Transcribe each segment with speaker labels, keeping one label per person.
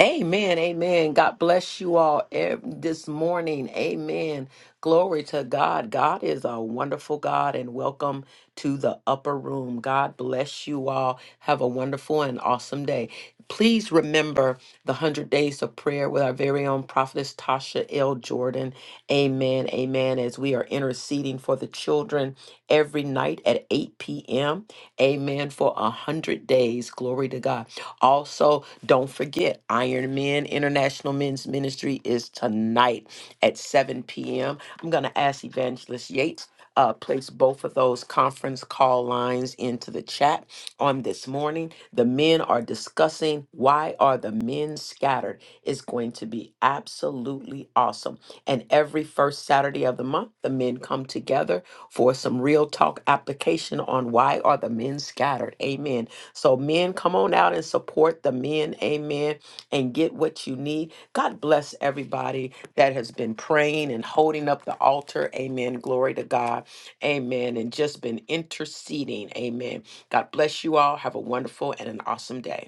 Speaker 1: Amen. Amen. God bless you all ev- this morning. Amen. Glory to God. God is a wonderful God and welcome to the upper room. God bless you all. Have a wonderful and awesome day. Please remember the 100 days of prayer with our very own prophetess Tasha L. Jordan. Amen. Amen. As we are interceding for the children every night at 8 p.m. Amen. For 100 days. Glory to God. Also, don't forget, Iron Men International Men's Ministry is tonight at 7 p.m. I'm going to ask Evangelist Yates. Uh, place both of those conference call lines into the chat on this morning. The men are discussing why are the men scattered. It's going to be absolutely awesome. And every first Saturday of the month, the men come together for some real talk application on why are the men scattered. Amen. So, men, come on out and support the men. Amen. And get what you need. God bless everybody that has been praying and holding up the altar. Amen. Glory to God. Amen. And just been interceding. Amen. God bless you all. Have a wonderful and an awesome day.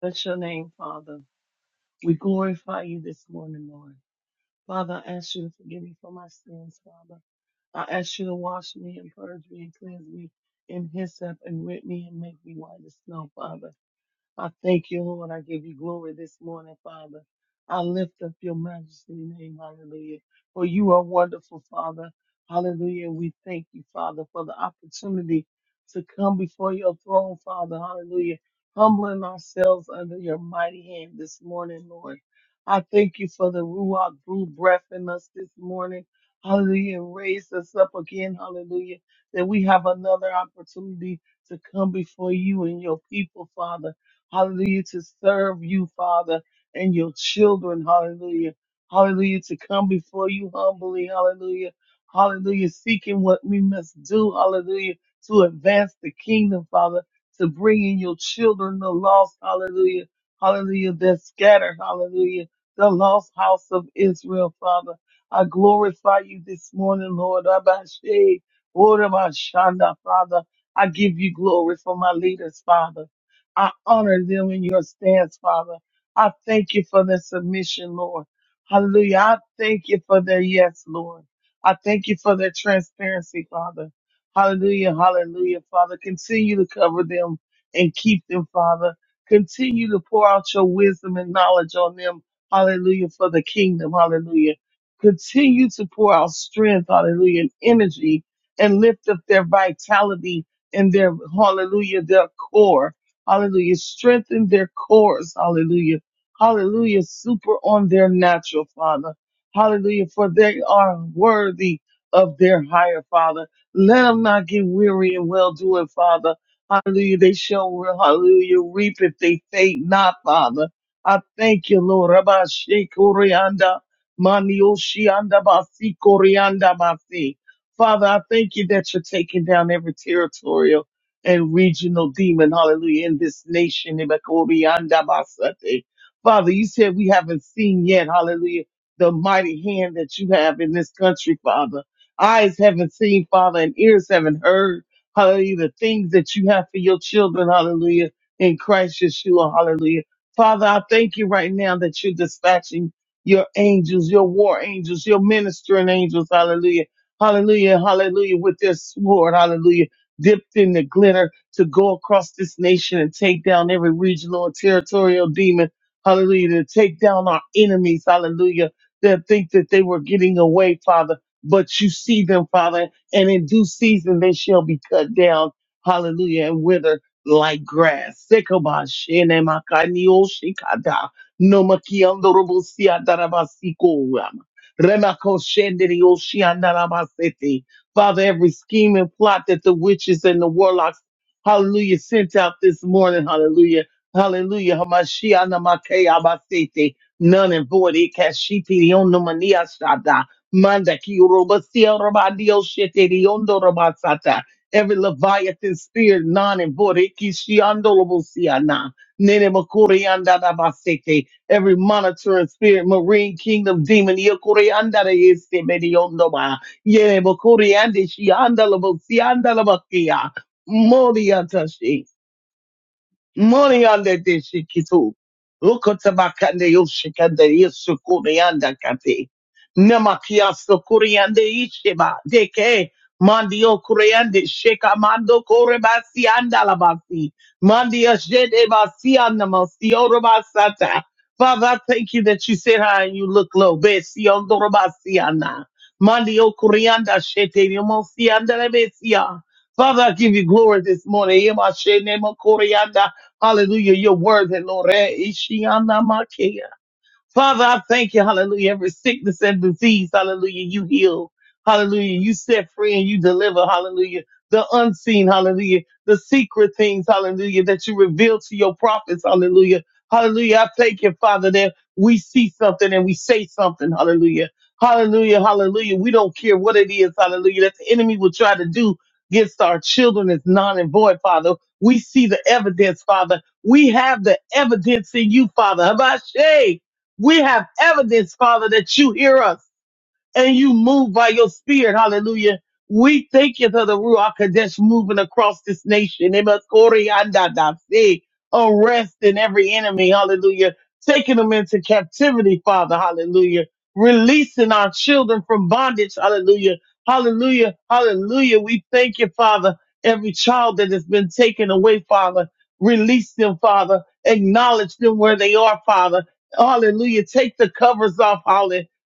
Speaker 2: Bless your name, Father. We glorify you this morning, Lord. Father, I ask you to forgive me for my sins, Father. I ask you to wash me and purge me and cleanse me in hyssop and rip me and make me white as snow, Father. I thank you, Lord. I give you glory this morning, Father. I lift up your majesty name, hallelujah. For you are wonderful, Father. Hallelujah. We thank you, Father, for the opportunity to come before your throne, Father. Hallelujah. Humbling ourselves under your mighty hand this morning, Lord. I thank you for the Ruach blew breath in us this morning. Hallelujah. And raised us up again. Hallelujah. That we have another opportunity to come before you and your people, Father hallelujah, to serve you, Father, and your children, hallelujah, hallelujah, to come before you humbly, hallelujah, hallelujah, seeking what we must do, hallelujah, to advance the kingdom, Father, to bring in your children, the lost, hallelujah, hallelujah, they're scattered, hallelujah, the lost house of Israel, Father. I glorify you this morning, Lord. Abashe, Orabashanda, Father. I give you glory for my leaders, Father. I honor them in your stance, Father. I thank you for their submission, Lord. Hallelujah. I thank you for their yes, Lord. I thank you for their transparency, Father. Hallelujah. Hallelujah, Father. Continue to cover them and keep them, Father. Continue to pour out your wisdom and knowledge on them. Hallelujah. For the kingdom. Hallelujah. Continue to pour out strength. Hallelujah. And energy and lift up their vitality and their, hallelujah, their core. Hallelujah. Strengthen their cores. Hallelujah. Hallelujah. Super on their natural, Father. Hallelujah. For they are worthy of their higher, Father. Let them not get weary and well doing, Father. Hallelujah. They shall, hallelujah, reap if they faint not, Father. I thank you, Lord. Rabba Shekorianda, Manioshianda Basi Korianda Basi. Father, I thank you that you're taking down every territorial and regional demon, hallelujah, in this nation. Ebekoriandabasate. Father, you said we haven't seen yet, hallelujah, the mighty hand that you have in this country, Father. Eyes haven't seen, Father, and ears haven't heard, hallelujah, the things that you have for your children, hallelujah, in Christ Yeshua, hallelujah. Father, I thank you right now that you're dispatching your angels, your war angels, your ministering angels, hallelujah, hallelujah, hallelujah, with their sword, hallelujah dipped in the glitter to go across this nation and take down every regional and territorial demon. Hallelujah. To take down our enemies. Hallelujah. That think that they were getting away, Father. But you see them, Father, and in due season they shall be cut down. Hallelujah. And wither like grass. Sekobashenemakaniyoshikada. Nomakiandorobosiadarabasikoyama. Remakoshenderioshiandarabasete. Father, every scheme and plot that the witches and the warlocks, hallelujah, sent out this morning, hallelujah, hallelujah, Hamashiach namakei abasete, none and void, ikashiti rionomania shada, manda ki urobasia robadio shete riondo robasata, every leviathan spirit, none and void, ikishiando robosiana, nene makurianda dabasete, every monitoring spirit, marine kingdom demon, yokurianda de este Yere bokuri andi shi andala bo si andala bakia. Mori atashi. Money on the deshikitu. Ukotabakande yoshikande yesukurianda kate. Nemakia sukuriande isheba. Deke mandio kuriande sheka mando korebasi andalabasi. Mandia jede basi andamasi orobasata. Father, I thank you that you sit high and you look low. Besi ondorobasi anda. Mandio kurianda shete yomosi andalabesia. Father, I give you glory this morning. Yema shene makorianda. Hallelujah. You're worthy, Lord. Eh, Ishiana make. Father, I thank you, hallelujah. Every sickness and disease, hallelujah, you heal. Hallelujah. You set free and you deliver, hallelujah. The unseen, hallelujah. The secret things, hallelujah, that you reveal to your prophets, hallelujah. Hallelujah. I thank you, Father, that we see something and we say something, hallelujah. Hallelujah, hallelujah. We don't care what it is, hallelujah, that the enemy will try to do against our children is non and void, Father. We see the evidence, Father. We have the evidence in you, Father. Habashay. We have evidence, Father, that you hear us and you move by your spirit. Hallelujah. We thank you for the Ruach Kadesh moving across this nation. It must glory and da- da- si. Arrest in every enemy. Hallelujah. Taking them into captivity, Father. Hallelujah. Releasing our children from bondage. Hallelujah. Hallelujah. Hallelujah. We thank you, Father. Every child that has been taken away, Father. Release them, Father. Acknowledge them where they are, Father. Hallelujah. Take the covers off.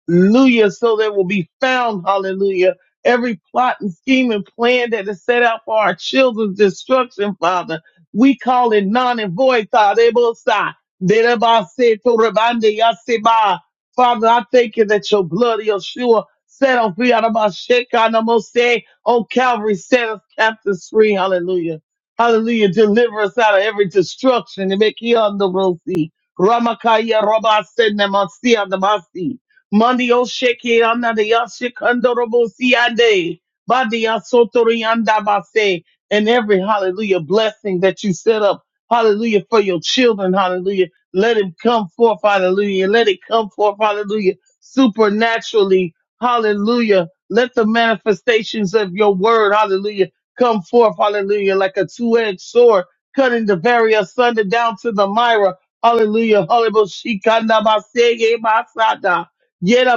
Speaker 2: Hallelujah. So they will be found, hallelujah, every plot and scheme and plan that is set out for our children's destruction, Father. We call it non and void, Father. Ebosa, derabase, torabande, yaseba. Father, I thank you that your blood, Yeshua, set on free out of my shekanamose on Calvary, set us captives free. Hallelujah. Hallelujah. Deliver us out of every destruction and make you on the road. Ramakaya Rabba Sendamasi Mandio sheke anada ya shekandorobo siande. Badia sotorianda base. And every hallelujah blessing that you set up, hallelujah, for your children, hallelujah. Let it come forth, hallelujah. Let it come forth, hallelujah, supernaturally, hallelujah. Let the manifestations of your word, hallelujah, come forth, hallelujah, like a two-edged sword, cutting the very asunder down to the myra. Hallelujah. Hallelujah. Yet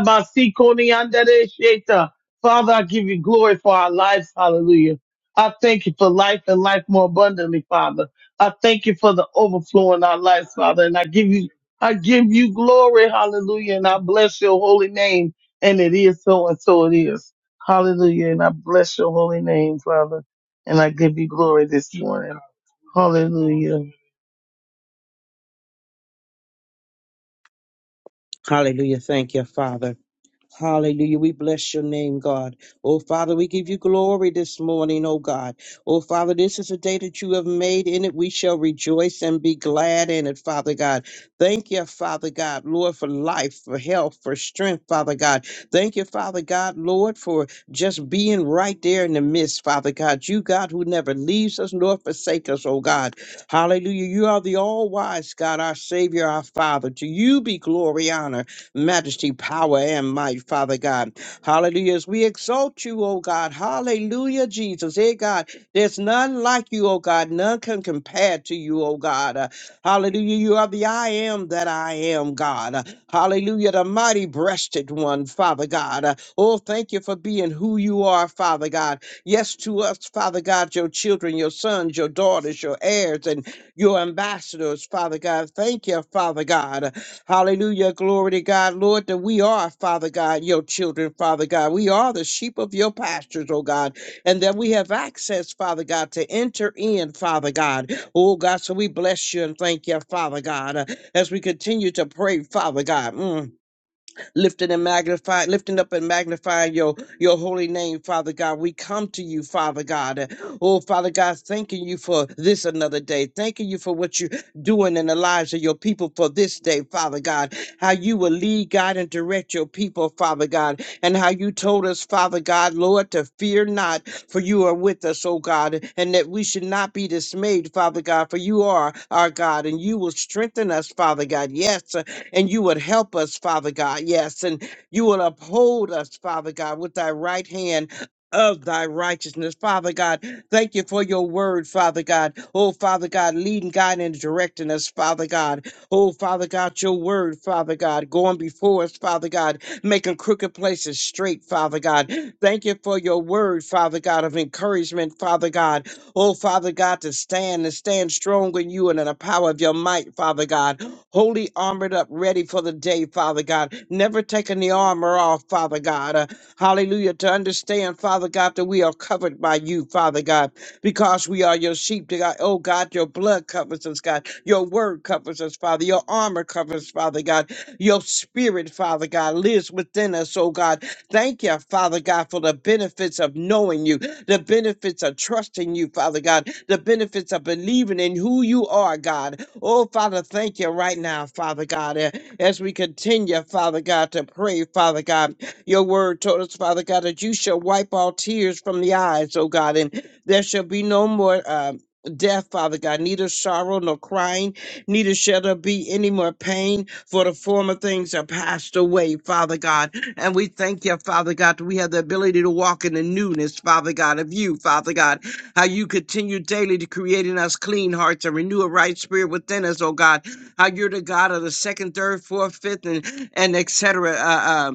Speaker 2: Koni Andere Sheta. Father, I give you glory for our lives. Hallelujah. I thank you for life and life more abundantly, Father. I thank you for the overflow in our lives, Father. And I give you, I give you glory. Hallelujah. And I bless your holy name. And it is so and so it is. Hallelujah. And I bless your holy name, Father. And I give you glory this morning. Hallelujah.
Speaker 3: Hallelujah. Thank you, Father. Hallelujah. We bless your name, God. Oh, Father, we give you glory this morning, oh God. Oh, Father, this is a day that you have made. In it we shall rejoice and be glad in it, Father God. Thank you, Father God, Lord, for life, for health, for strength, Father God. Thank you, Father God, Lord, for just being right there in the midst, Father God. You, God, who never leaves us nor forsake us, oh God. Hallelujah. You are the all wise God, our Savior, our Father. To you be glory, honor majesty, power, and might, Father God. Hallelujah. As we exalt you, O God. Hallelujah, Jesus. Hey, God, there's none like you, O God. None can compare to you, O God. Uh, hallelujah. You are the I am that I am, God. Uh, hallelujah. The mighty breasted one, Father God. Uh, oh, thank you for being who you are, Father God. Yes, to us, Father God, your children, your sons, your daughters, your heirs, and your ambassadors, Father God. Thank you, Father God. Hallelujah. Glory to God, Lord, that we are, Father God, your children, Father God. We are the sheep of your pastures, oh God, and that we have access, Father God, to enter in, Father God. Oh God, so we bless you and thank you, Father God, uh, as we continue to pray, Father God. Mm lifting and magnifying, lifting up and magnifying your, your holy name, Father God. We come to you, Father God. Oh, Father God, thanking you for this another day. Thanking you for what you're doing in the lives of your people for this day, Father God. How you will lead, God, and direct your people, Father God. And how you told us, Father God, Lord, to fear not, for you are with us, oh God, and that we should not be dismayed, Father God, for you are our God, and you will strengthen us, Father God. Yes, and you would help us, Father God. Yes, and you will uphold us, Father God, with thy right hand. Of thy righteousness, Father God. Thank you for your word, Father God. Oh, Father God, leading, guiding, and directing us, Father God. Oh, Father God, your word, Father God, going before us, Father God, making crooked places straight, Father God. Thank you for your word, Father God, of encouragement, Father God. Oh, Father God, to stand and stand strong in you and in the power of your might, Father God wholly armored up, ready for the day, Father God. Never taking the armor off, Father God. Uh, hallelujah. To understand, Father God, that we are covered by you, Father God, because we are your sheep, dear God. Oh God, your blood covers us, God. Your word covers us, Father. Your armor covers, Father God. Your spirit, Father God, lives within us, oh God. Thank you, Father God, for the benefits of knowing you, the benefits of trusting you, Father God, the benefits of believing in who you are, God. Oh, Father, thank you right now, Father God. Uh, As we continue, Father God, to pray, Father God, your word told us, Father God, that you shall wipe all tears from the eyes, oh God, and there shall be no more. Uh, Death, Father God, neither sorrow nor crying, neither shall there be any more pain, for the former things are passed away, Father God. And we thank you, Father God, that we have the ability to walk in the newness, Father God, of you, Father God. How you continue daily to create in us clean hearts and renew a right spirit within us, oh God. How you're the God of the second, third, fourth, fifth, and and et etc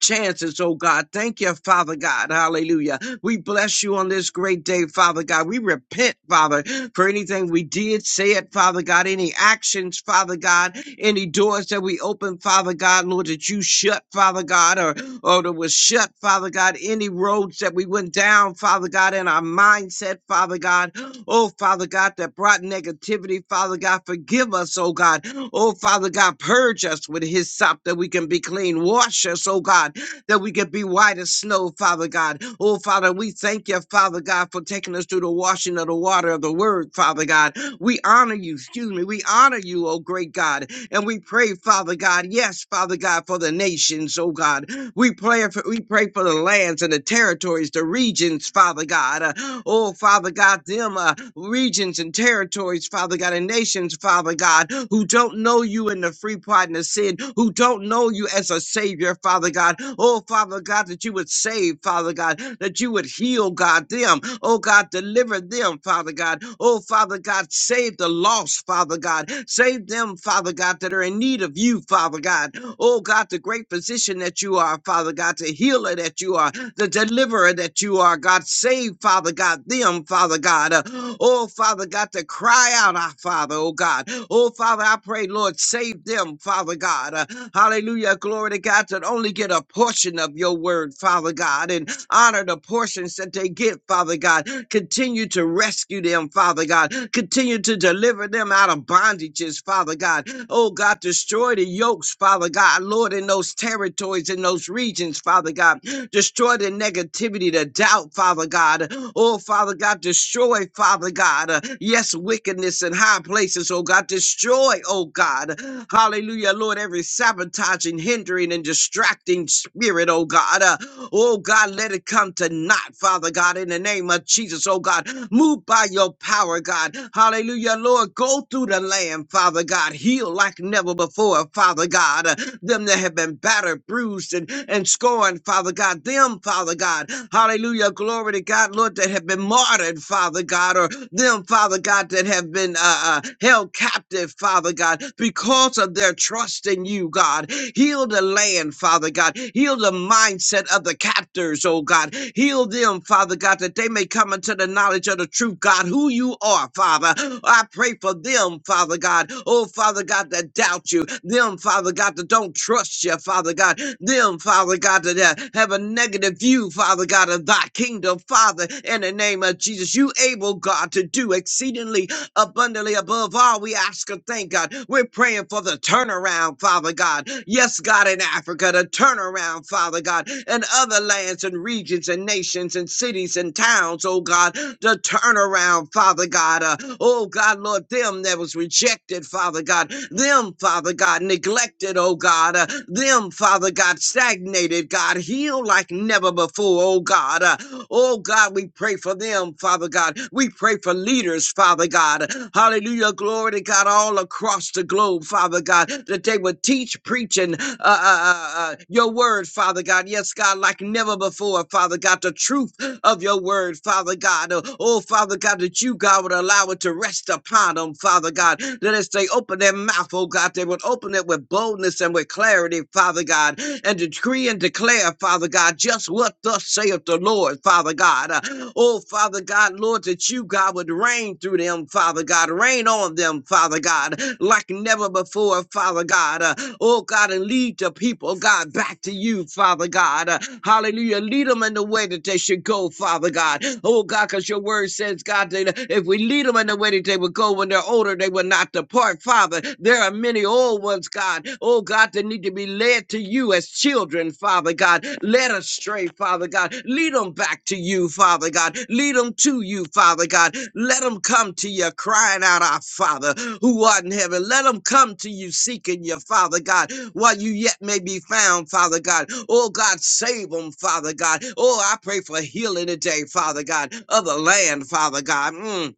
Speaker 3: chances, oh God. Thank you, Father God. Hallelujah. We bless you on this great day, Father God. We repent, Father, for anything we did, said, Father God, any actions, Father God, any doors that we opened, Father God, Lord, that you shut, Father God, or, or that was shut, Father God, any roads that we went down, Father God, in our mindset, Father God. Oh, Father God, that brought negativity. Father God, forgive us, oh God. Oh, Father God, purge us with his sop that we can be clean. Wash us, oh God, that we can be white as snow, Father God. Oh, Father, we thank you, Father God, for taking us through the washing of the water of the word, Father God. We honor you, excuse me. We honor you, oh great God. And we pray, Father God, yes, Father God, for the nations, oh God. We pray for we pray for the lands and the territories, the regions, Father God. Uh, oh, Father God, them uh, regions and territories, Father God, and nations, Father God, who don't know you in the free pardon of sin, who don't know you as a Savior, Father God. Oh, Father God. God, that you would save, Father God, that you would heal, God, them. Oh, God, deliver them, Father God. Oh, Father God, save the lost, Father God. Save them, Father God, that are in need of you, Father God. Oh, God, the great physician that you are, Father God, the healer that you are the deliverer that you are, God. Save, Father God, them, Father God. Uh, oh, Father God, to cry out, our Father, oh God. Oh, Father, I pray, Lord, save them, Father God. Uh, hallelujah. Glory to God, that only get a portion of your word, Father God, and honor the portions that they get, Father God. Continue to rescue them, Father God. Continue to deliver them out of bondages, Father God. oh. Oh God, destroy the yokes, Father God, Lord, in those territories, in those regions, Father God. Destroy the negativity, the doubt, Father God. Oh, Father God, destroy, Father God. uh, yes, wickedness in high places, oh God. Destroy, oh God. Hallelujah, Lord, every sabotaging, hindering, and distracting spirit, oh God. Uh, oh God, let it come to naught, Father God, in the name of Jesus. Jesus, oh God. Move by your power, God. Hallelujah, Lord. Go through the land, Father God. Heal like never before, Father God. Uh, Them that have been battered, bruised, and, and scorned, Father God. Them, Father God. Hallelujah, glory to God, Lord, that have been martyred, Father God, or them, Father God, that have been uh, uh, held captive, Father God, because of their trust in you, God. Heal the the land, Father God. Heal the mindset of the captors, oh God. Heal them, Father God, that they may come into the knowledge of the truth, God, who you are, Father. I pray for them, Father God. Oh, Father God, that doubt you. Them, Father God, that don't trust you, Father God. Them, Father God, that uh, have a negative view, Father God, of thy kingdom, Father. In the name of Jesus, you able, God, to do exceedingly abundantly above all we ask and thank God. We're praying for the turnaround, Father God. Yes, God, in Africa, the turnaround, Father God, and other lands and regions and nations and cities and towns, oh God, the turnaround, Father God. Uh, oh God, Lord, them that was rejected, Father God, them, Father God, neglected, oh God, uh, them, Father God, stagnated, God, healed like never before, oh God. Uh, oh Oh God, we pray for them, Father God. We pray for leaders, Father God. Hallelujah. Glory to God all across the globe, Father God, that they would teach, preach, and uh, uh, uh, uh, your word, Father God. Yes, God, like never before, Father God, the truth of your word, Father God. Uh, Oh, Father God, that you, God, would allow it to rest upon them, Father God. That as they open their mouth, oh God, they would open it with boldness and with clarity, Father God, and that decree and declare, Father God, just what thus saith the Lord, Father God. Uh, oh, Father God, Lord, that you, God, would reign through them, Father God. reign on them, Father God, like never before, Father God. Uh, oh, God, and lead the people, God, back to you, Father God. Uh, hallelujah. Lead them in the way that they should go, Father God. Oh, God, because your word says, God, that if we lead them in the way that they would go when they're older, they will not depart, Father. There there are many old ones, God, oh God, that need to be led to you as children, Father God. Let us stray, Father God. Lead them back to you, Father God. Lead them to you, Father God. Let them come to you crying out, Our Father who art in heaven. Let them come to you seeking you, Father God, while you yet may be found, Father God. Oh God, save them, Father God. Oh, I pray for healing today, Father God, of the land, Father God. Mm.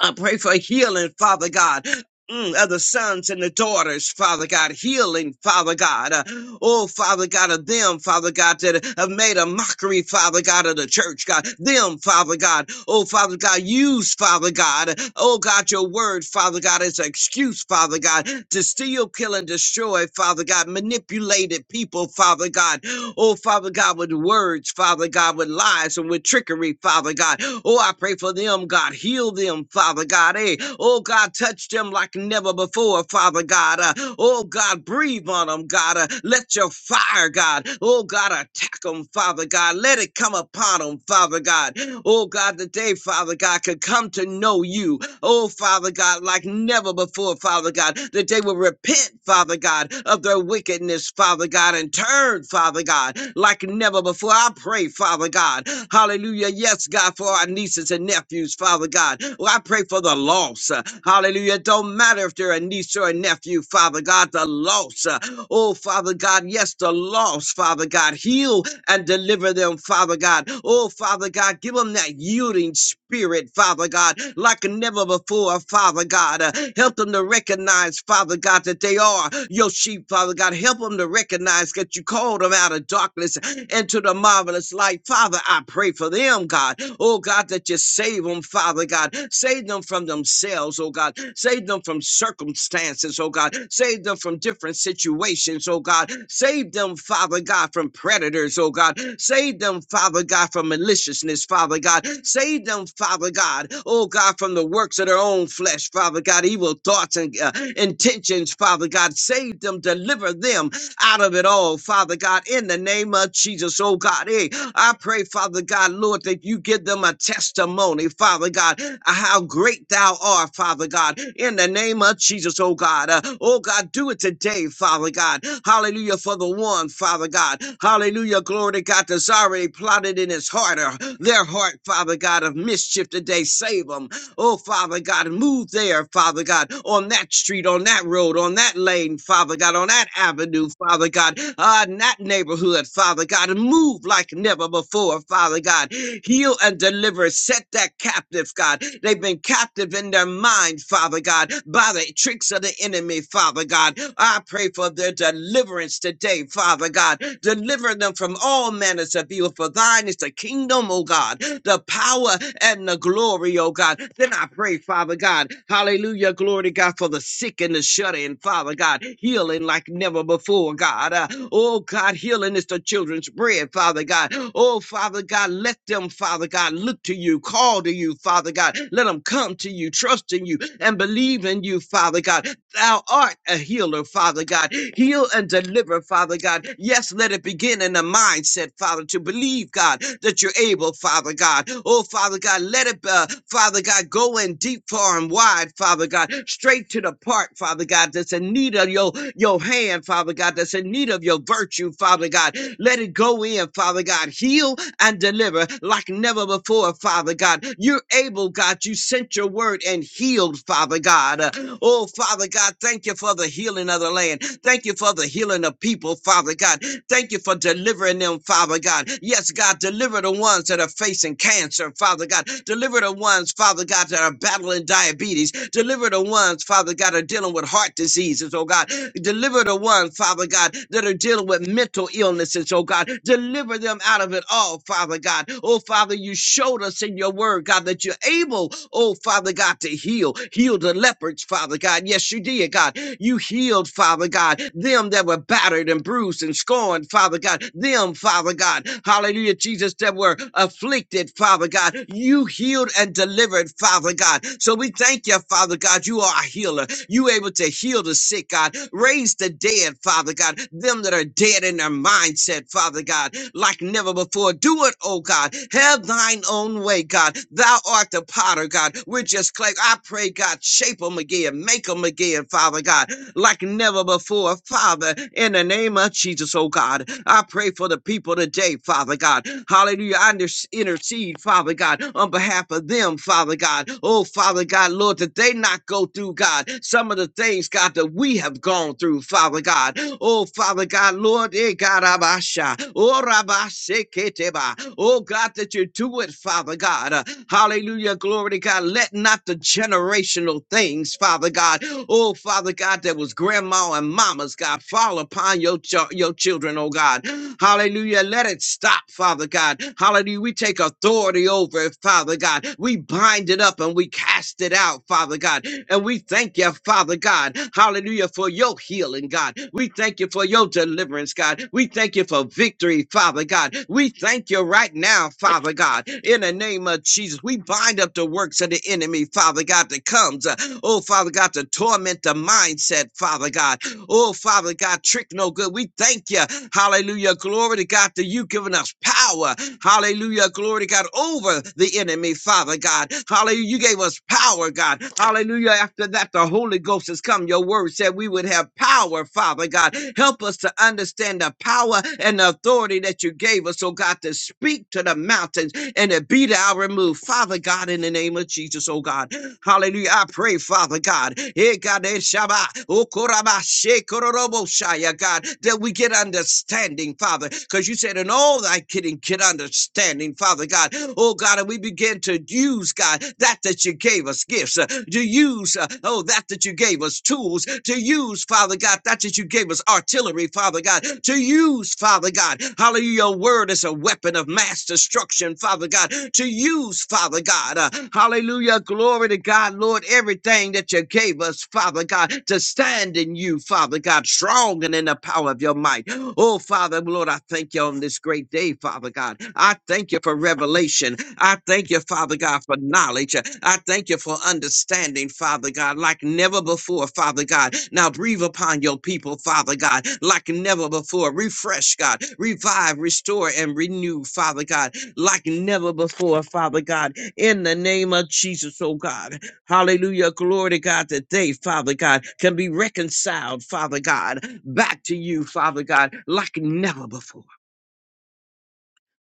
Speaker 3: I pray for healing, Father God. Mm, of the sons and the daughters, Father God, healing, Father God. Uh, oh, Father God, of them, Father God, that have made a mockery, Father God, of the church, God. Them, Father God. Oh, Father God, use, Father God. Oh, God, your word, Father God, is an excuse, Father God, to steal, kill, and destroy, Father God. Manipulated people, Father God. Oh, Father God, with words, Father God, with lies and with trickery, Father God. Oh, I pray for them them, God. Heal them, Father God. Hey, oh God, touch them like never before, Father God. Uh, oh God, breathe on them, God. Uh, let your fire, God. Oh God, attack them, Father God. Let it come upon them, Father God. Oh God, that they, Father God, could come to know you. Oh Father God, like never before, Father God, that they will repent, Father God, of their wickedness, Father God, and turn, Father God, like never before. I pray, Father. Father God. Hallelujah. Yes, God, for our nieces and nephews, Father God. Well, I pray for the loss. uh, Hallelujah. It don't matter if they're a niece or a nephew, Father God, the loss. uh, Oh, Father God, yes, the loss, Father God. Heal and deliver them, Father God. Oh, Father God, give them that yielding spirit spirit, Father God, like never before, Father God. Uh, help them to recognize, Father God, that they are your sheep, Father God. Help them to recognize that you called them out of darkness into the marvelous light. Father, I pray for them, God. Oh, God, that you save them, Father God. Save them from themselves, oh God. Save them from circumstances, oh God. God. Save them from different situations, oh God. Save them, Father God, from predators, oh God. Save them, Father God, from maliciousness, Father God. Save them, Father God, oh God, from the works of their own flesh, Father God, evil thoughts and uh, intentions, Father God. Save them, deliver them out of it all, Father God, in the name of Jesus others, oh God. Hey, I pray, Father God, Lord, that you give them a testimony, Father God, uh, how great thou art, Father God, in the name of Jesus, oh God. Uh, oh God, do it today, Father God. Hallelujah for the one, Father God. Hallelujah, glory to God, that's already plotted in his heart, or their heart, Father God, of mischief today. Save them. Oh, Father God, move there, Father God, on that street, on that road, on that lane, Father God, on that avenue, Father God, uh, in that neighborhood, Father God, and move like never before, Father God. Heal and deliver, set that captive, God. They've been captive in their mind, Father God, by the tricks of the enemy, Father God. I pray for their deliverance today, Father God. Deliver them from all manners of evil, for thine is the kingdom, O God, the power power and the glory, oh God. Then I pray, Father God, hallelujah, glory to God, for the sick and the shut in, Father God, healing like never before, God. Uh, oh God, healing is the children's bread, Father God. Oh Father God, let them, Father God, look to you, call to you, Father God. Let them come to you, trust in you, and believe in you, Father God. Thou art a healer, Father God. Heal and deliver, Father God. Yes, let it begin in the mindset, Father, to believe, God God, that you're able, Father God. Oh, Father God, let it, uh, Father God, go in deep, far, and wide, Father God, straight to the part, Father God, that's in need of your, your hand, Father God, that's in need of your virtue, Father God. Let it go in, Father God. Heal and deliver like never before, Father God. You're able, God. You sent your word and healed, Father God. Uh, Oh, Father God, thank you for the healing of the land. Thank you for the healing of people, Father God. Thank you for for delivering them, Father God. Yes, God, deliver the ones that are facing cancer, Father God. Deliver the ones, Father God, that are battling diabetes. Deliver the ones, Father God, that are dealing with heart diseases, oh God. Deliver the ones, Father God, that are dealing with mental illnesses, oh God. Deliver them out of it all, Father God. Oh, Father, you showed us in your word, God, that you're able, oh, Father God, to heal. Heal the leopards, Father God. Yes, you did, God. You healed, Father God, them that were were battered and bruised and scorned, Father God. Them, Father God. Hallelujah, Jesus, that were afflicted, Father God. You healed and delivered, Father God. So we thank you, Father God. You are a healer. You able to heal the sick, God. Raise the dead, Father God. Them that are dead in their mindset, Father God, like never before. Do it, oh God. Have thine own way, God. Thou art the potter, God. We're just clay. I pray, God, shape them again. Make them again, Father God like never before. Father, in the name of Jesus, oh God, I pray for the people today, Father God. Hallelujah. I intercede, Father God, on behalf of them, Father God. Oh, Father God, Lord, that they not go through, God, some of the things, God, that we have gone through, Father God. Oh, Father God, Lord, eh, God, Abasha. Oh, Rabaseketeba. Oh, God, that you do it, Father God. Uh, Hallelujah. Glory to God. Let not the generational things, Father God. Oh, Father God, that was grandma and mama's God. Fall upon your, ch- your children, oh God. Hallelujah. Let it stop, Father God. Hallelujah. We take authority over it, Father God. We bind it up and we cast it out, Father God. And we thank you, Father God. Hallelujah, for your healing, God. We thank you for your deliverance, God. We thank you for victory, Father God. We thank you right now, Father God. In the name of Jesus, we bind up the works of the enemy, Father God, that comes. uh, Oh, Father God, to torment the mindset, Father God. Oh, Father God, trick no good. We thank you. Hallelujah. Glory to God that you given us power. Hallelujah. Glory to God over the enemy, Father God. Hallelujah. You gave us power, God. Hallelujah. After that, the Holy Ghost has come. Your word said we would have power, Father God. Help us to understand the power and the authority that you gave us, oh God, to speak to the mountains and to be thou removed. Father God, in the name of Jesus, oh God. Hallelujah. I pray, Father God, eh, God, eh, Shabbat, oh, Koraba, she, Kororobo, Shaya, God, that we get understanding, Father, because you said, in all thy getting, get understanding, Father God. Oh, God, and we begin to use, God, that that you gave us gifts, uh, to use, uh, oh, that that you gave us tools, to use, Father God, that that you gave us artillery, Father God, to use, Father God. Hallelujah. Your word is a weapon of mass destruction, Father God, to use, Father. Father God. Uh, hallelujah. Glory to God, Lord. Everything that you gave us, Father God, to stand in you, Father God, strong and in the power of your might. Oh, Father, Lord, I thank you on this great day, Father God. I thank you for revelation. I thank you, Father God, for knowledge. I thank you for understanding, Father God, like never before, Father God. Now breathe upon your people, Father God, like never before. Refresh, God. Revive, restore, and renew, Father God like never before, Father God, in the name of Jesus, oh God. Hallelujah. Glory to God that they, Father God, can be reconciled, Father God, back to you, Father God, like never before,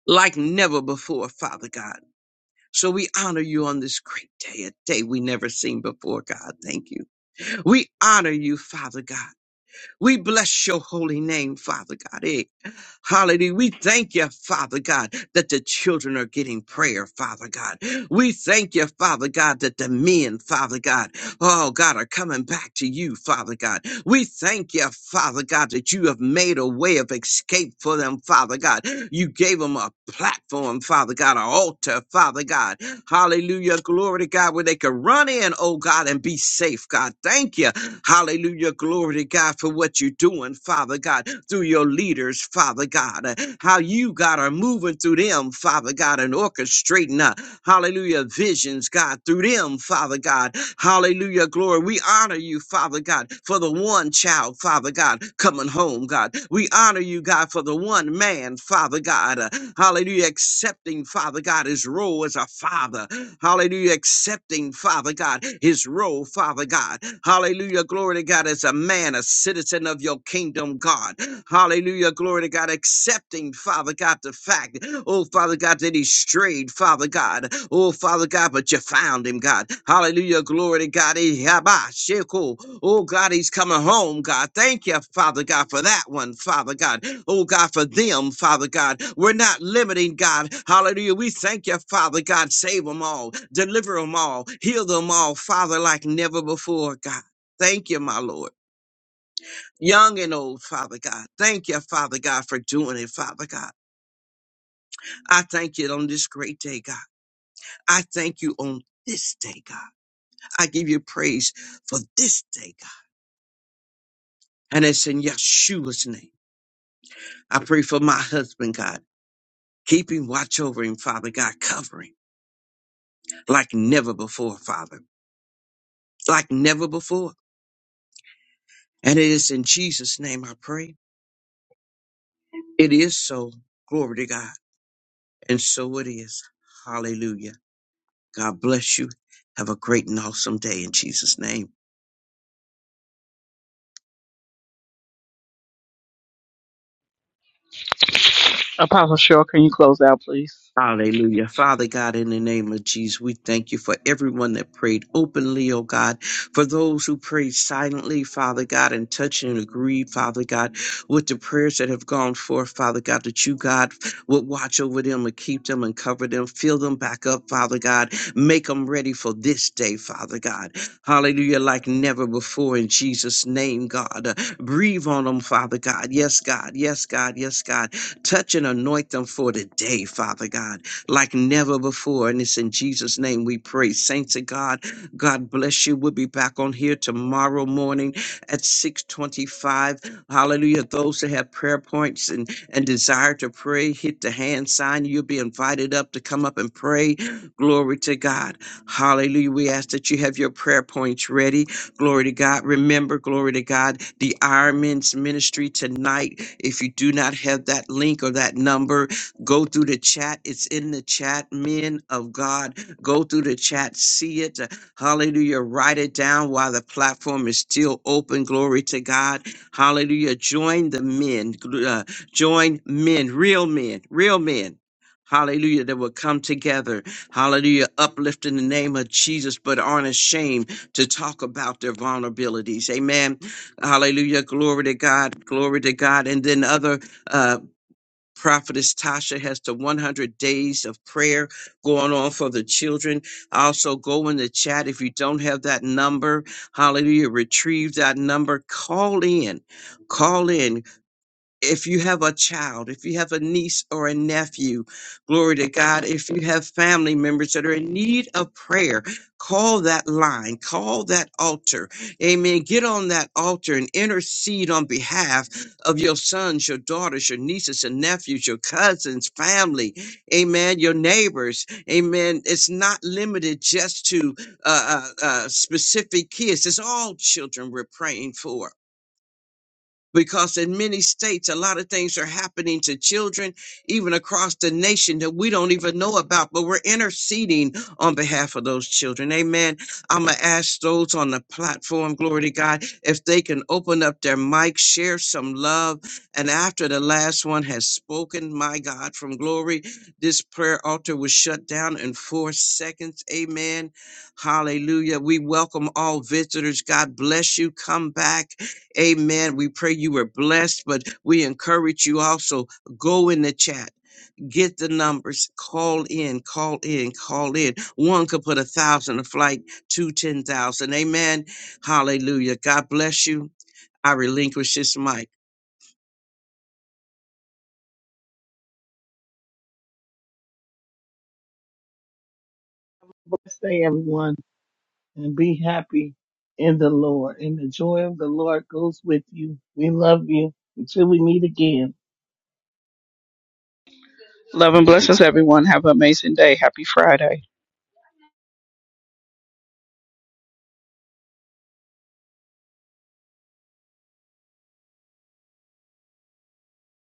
Speaker 3: like never before, Father God. So we honor you on this great day, a day we never seen before, God. Thank you. We honor you, Father God. We bless your holy name, Father God. Eh, Hallelujah. We thank you, Father God, that the children are getting prayer, Father God. We thank you, Father God, that the men, Father God, oh God, are coming back to you, Father God. We thank you, Father God, that you have made a way of escape for them, Father God. You gave them a platform, Father God, an altar, Father God. Hallelujah. Glory to God, where they could run in, oh God, and be safe, God. Thank you. Hallelujah. Glory to God for what you're doing, Father God, through your leaders, Father God. How you, God, are moving through them, Father God, and orchestrating. uh, Hallelujah. Visions, God, through them, Father God. Hallelujah. Glory. We honor you, Father God, for the one child, Father God, coming home, God. We honor you, God, for the one man, Father God. uh, hallelujah. Accepting, Father God, his role as a father. Hallelujah. Accepting, Father God, his role, Father God. Hallelujah. Glory to God, as a man, a citizen of your kingdom, God. Hallelujah. Glory glory to God, accepting, Father God, the fact, oh, Father God, that he strayed, Father God, oh, Father God, but you found him, God. Hallelujah, glory to God. He- Yabba, sheko. Oh, God, he's coming home, God. Thank you, Father God, for that one, Father God. Oh, God, for them, Father God. We're not limiting, God. Hallelujah. We thank you, Father God. Save them all, deliver them all, heal them all, Father, like never before, God. Thank you, my Lord young and old, Father God. Thank you, Father God, for doing it, Father God. I thank you on this great day, God. I thank you on this day, God. I give you praise for this day, God. And it's in Yeshua's name. I pray for my husband, God. Keep him, watch over him, Father God. Cover him like never before, Father. Like never before. And it is in Jesus' name I pray. It is so. Glory to God. And so it is. Hallelujah. God bless you. Have a great and awesome day in Jesus' name.
Speaker 4: Apostle Cheryl, can you close out, please?
Speaker 3: Hallelujah. Father God, in the name of Jesus, we thank you for everyone that prayed openly, oh God, for those who prayed silently, Father God, and touched and agreed, Father God, with the prayers that have gone forth, Father God, that you, God, would watch over them and keep them and cover them, fill them back up, Father God, make them ready for this day, Father God. Hallelujah, like never before in Jesus' name, God. Breathe on them, Father God. Yes, God. Yes, God. Yes, God Touch and anoint them for today, Father God, like never before. And it's in Jesus' name we pray. Saints of God, God bless you. We'll be back on here tomorrow morning at 625. Hallelujah. Those that have prayer points and, and desire to pray, hit the hand sign. You'll be invited up to come up and pray. Glory to God. Hallelujah. We ask that you have your prayer points ready. Glory to God. Remember, glory to God, the Iron Men's ministry tonight. If you do not have that link or that number, go through the chat. It's in the chat. Men of God, go through the chat, see it. Hallelujah. Write it down while the platform is still open. Glory to God. Hallelujah. Join the men. Gl- uh, join men, real men, real men. Hallelujah, that will come together. Hallelujah, uplift in the name of Jesus, but aren't ashamed to talk about their vulnerabilities. Amen. Hallelujah. Glory to God. Glory to God. And then other uh prophetess Tasha has the 100 days of prayer going on for the children. Also go in the chat if you don't have that number. Hallelujah. Retrieve that number. Call in. Call in if you have a child, if you have a niece or a nephew, glory to God, if you have family members that are in need of prayer, call that line, call that altar. Amen. Get on that altar and intercede on behalf of your sons, your daughters, your nieces and nephews, your cousins, family. Amen. Your neighbors. Amen. It's not limited just to uh, uh, uh, specific kids. It's all children we're praying for because in many states a lot of things are happening to children even across the nation that we don't even know about but we're interceding on behalf of those children amen i'm gonna ask those on the platform glory to god if they can open up their mic share some love and after the last one has spoken my god from glory this prayer altar was shut down in four seconds amen hallelujah we welcome all visitors god bless you come back Amen. We pray you were blessed, but we encourage you also go in the chat. Get the numbers, call in, call in, call in. One could put a thousand a flight, two, ten thousand. Amen. Hallelujah. God bless you. I relinquish this mic.
Speaker 2: Bless day, everyone. and be happy in the Lord. And the joy of the Lord goes with you. We love you until we meet again.
Speaker 4: Love and blessings, everyone. Have an amazing day. Happy Friday.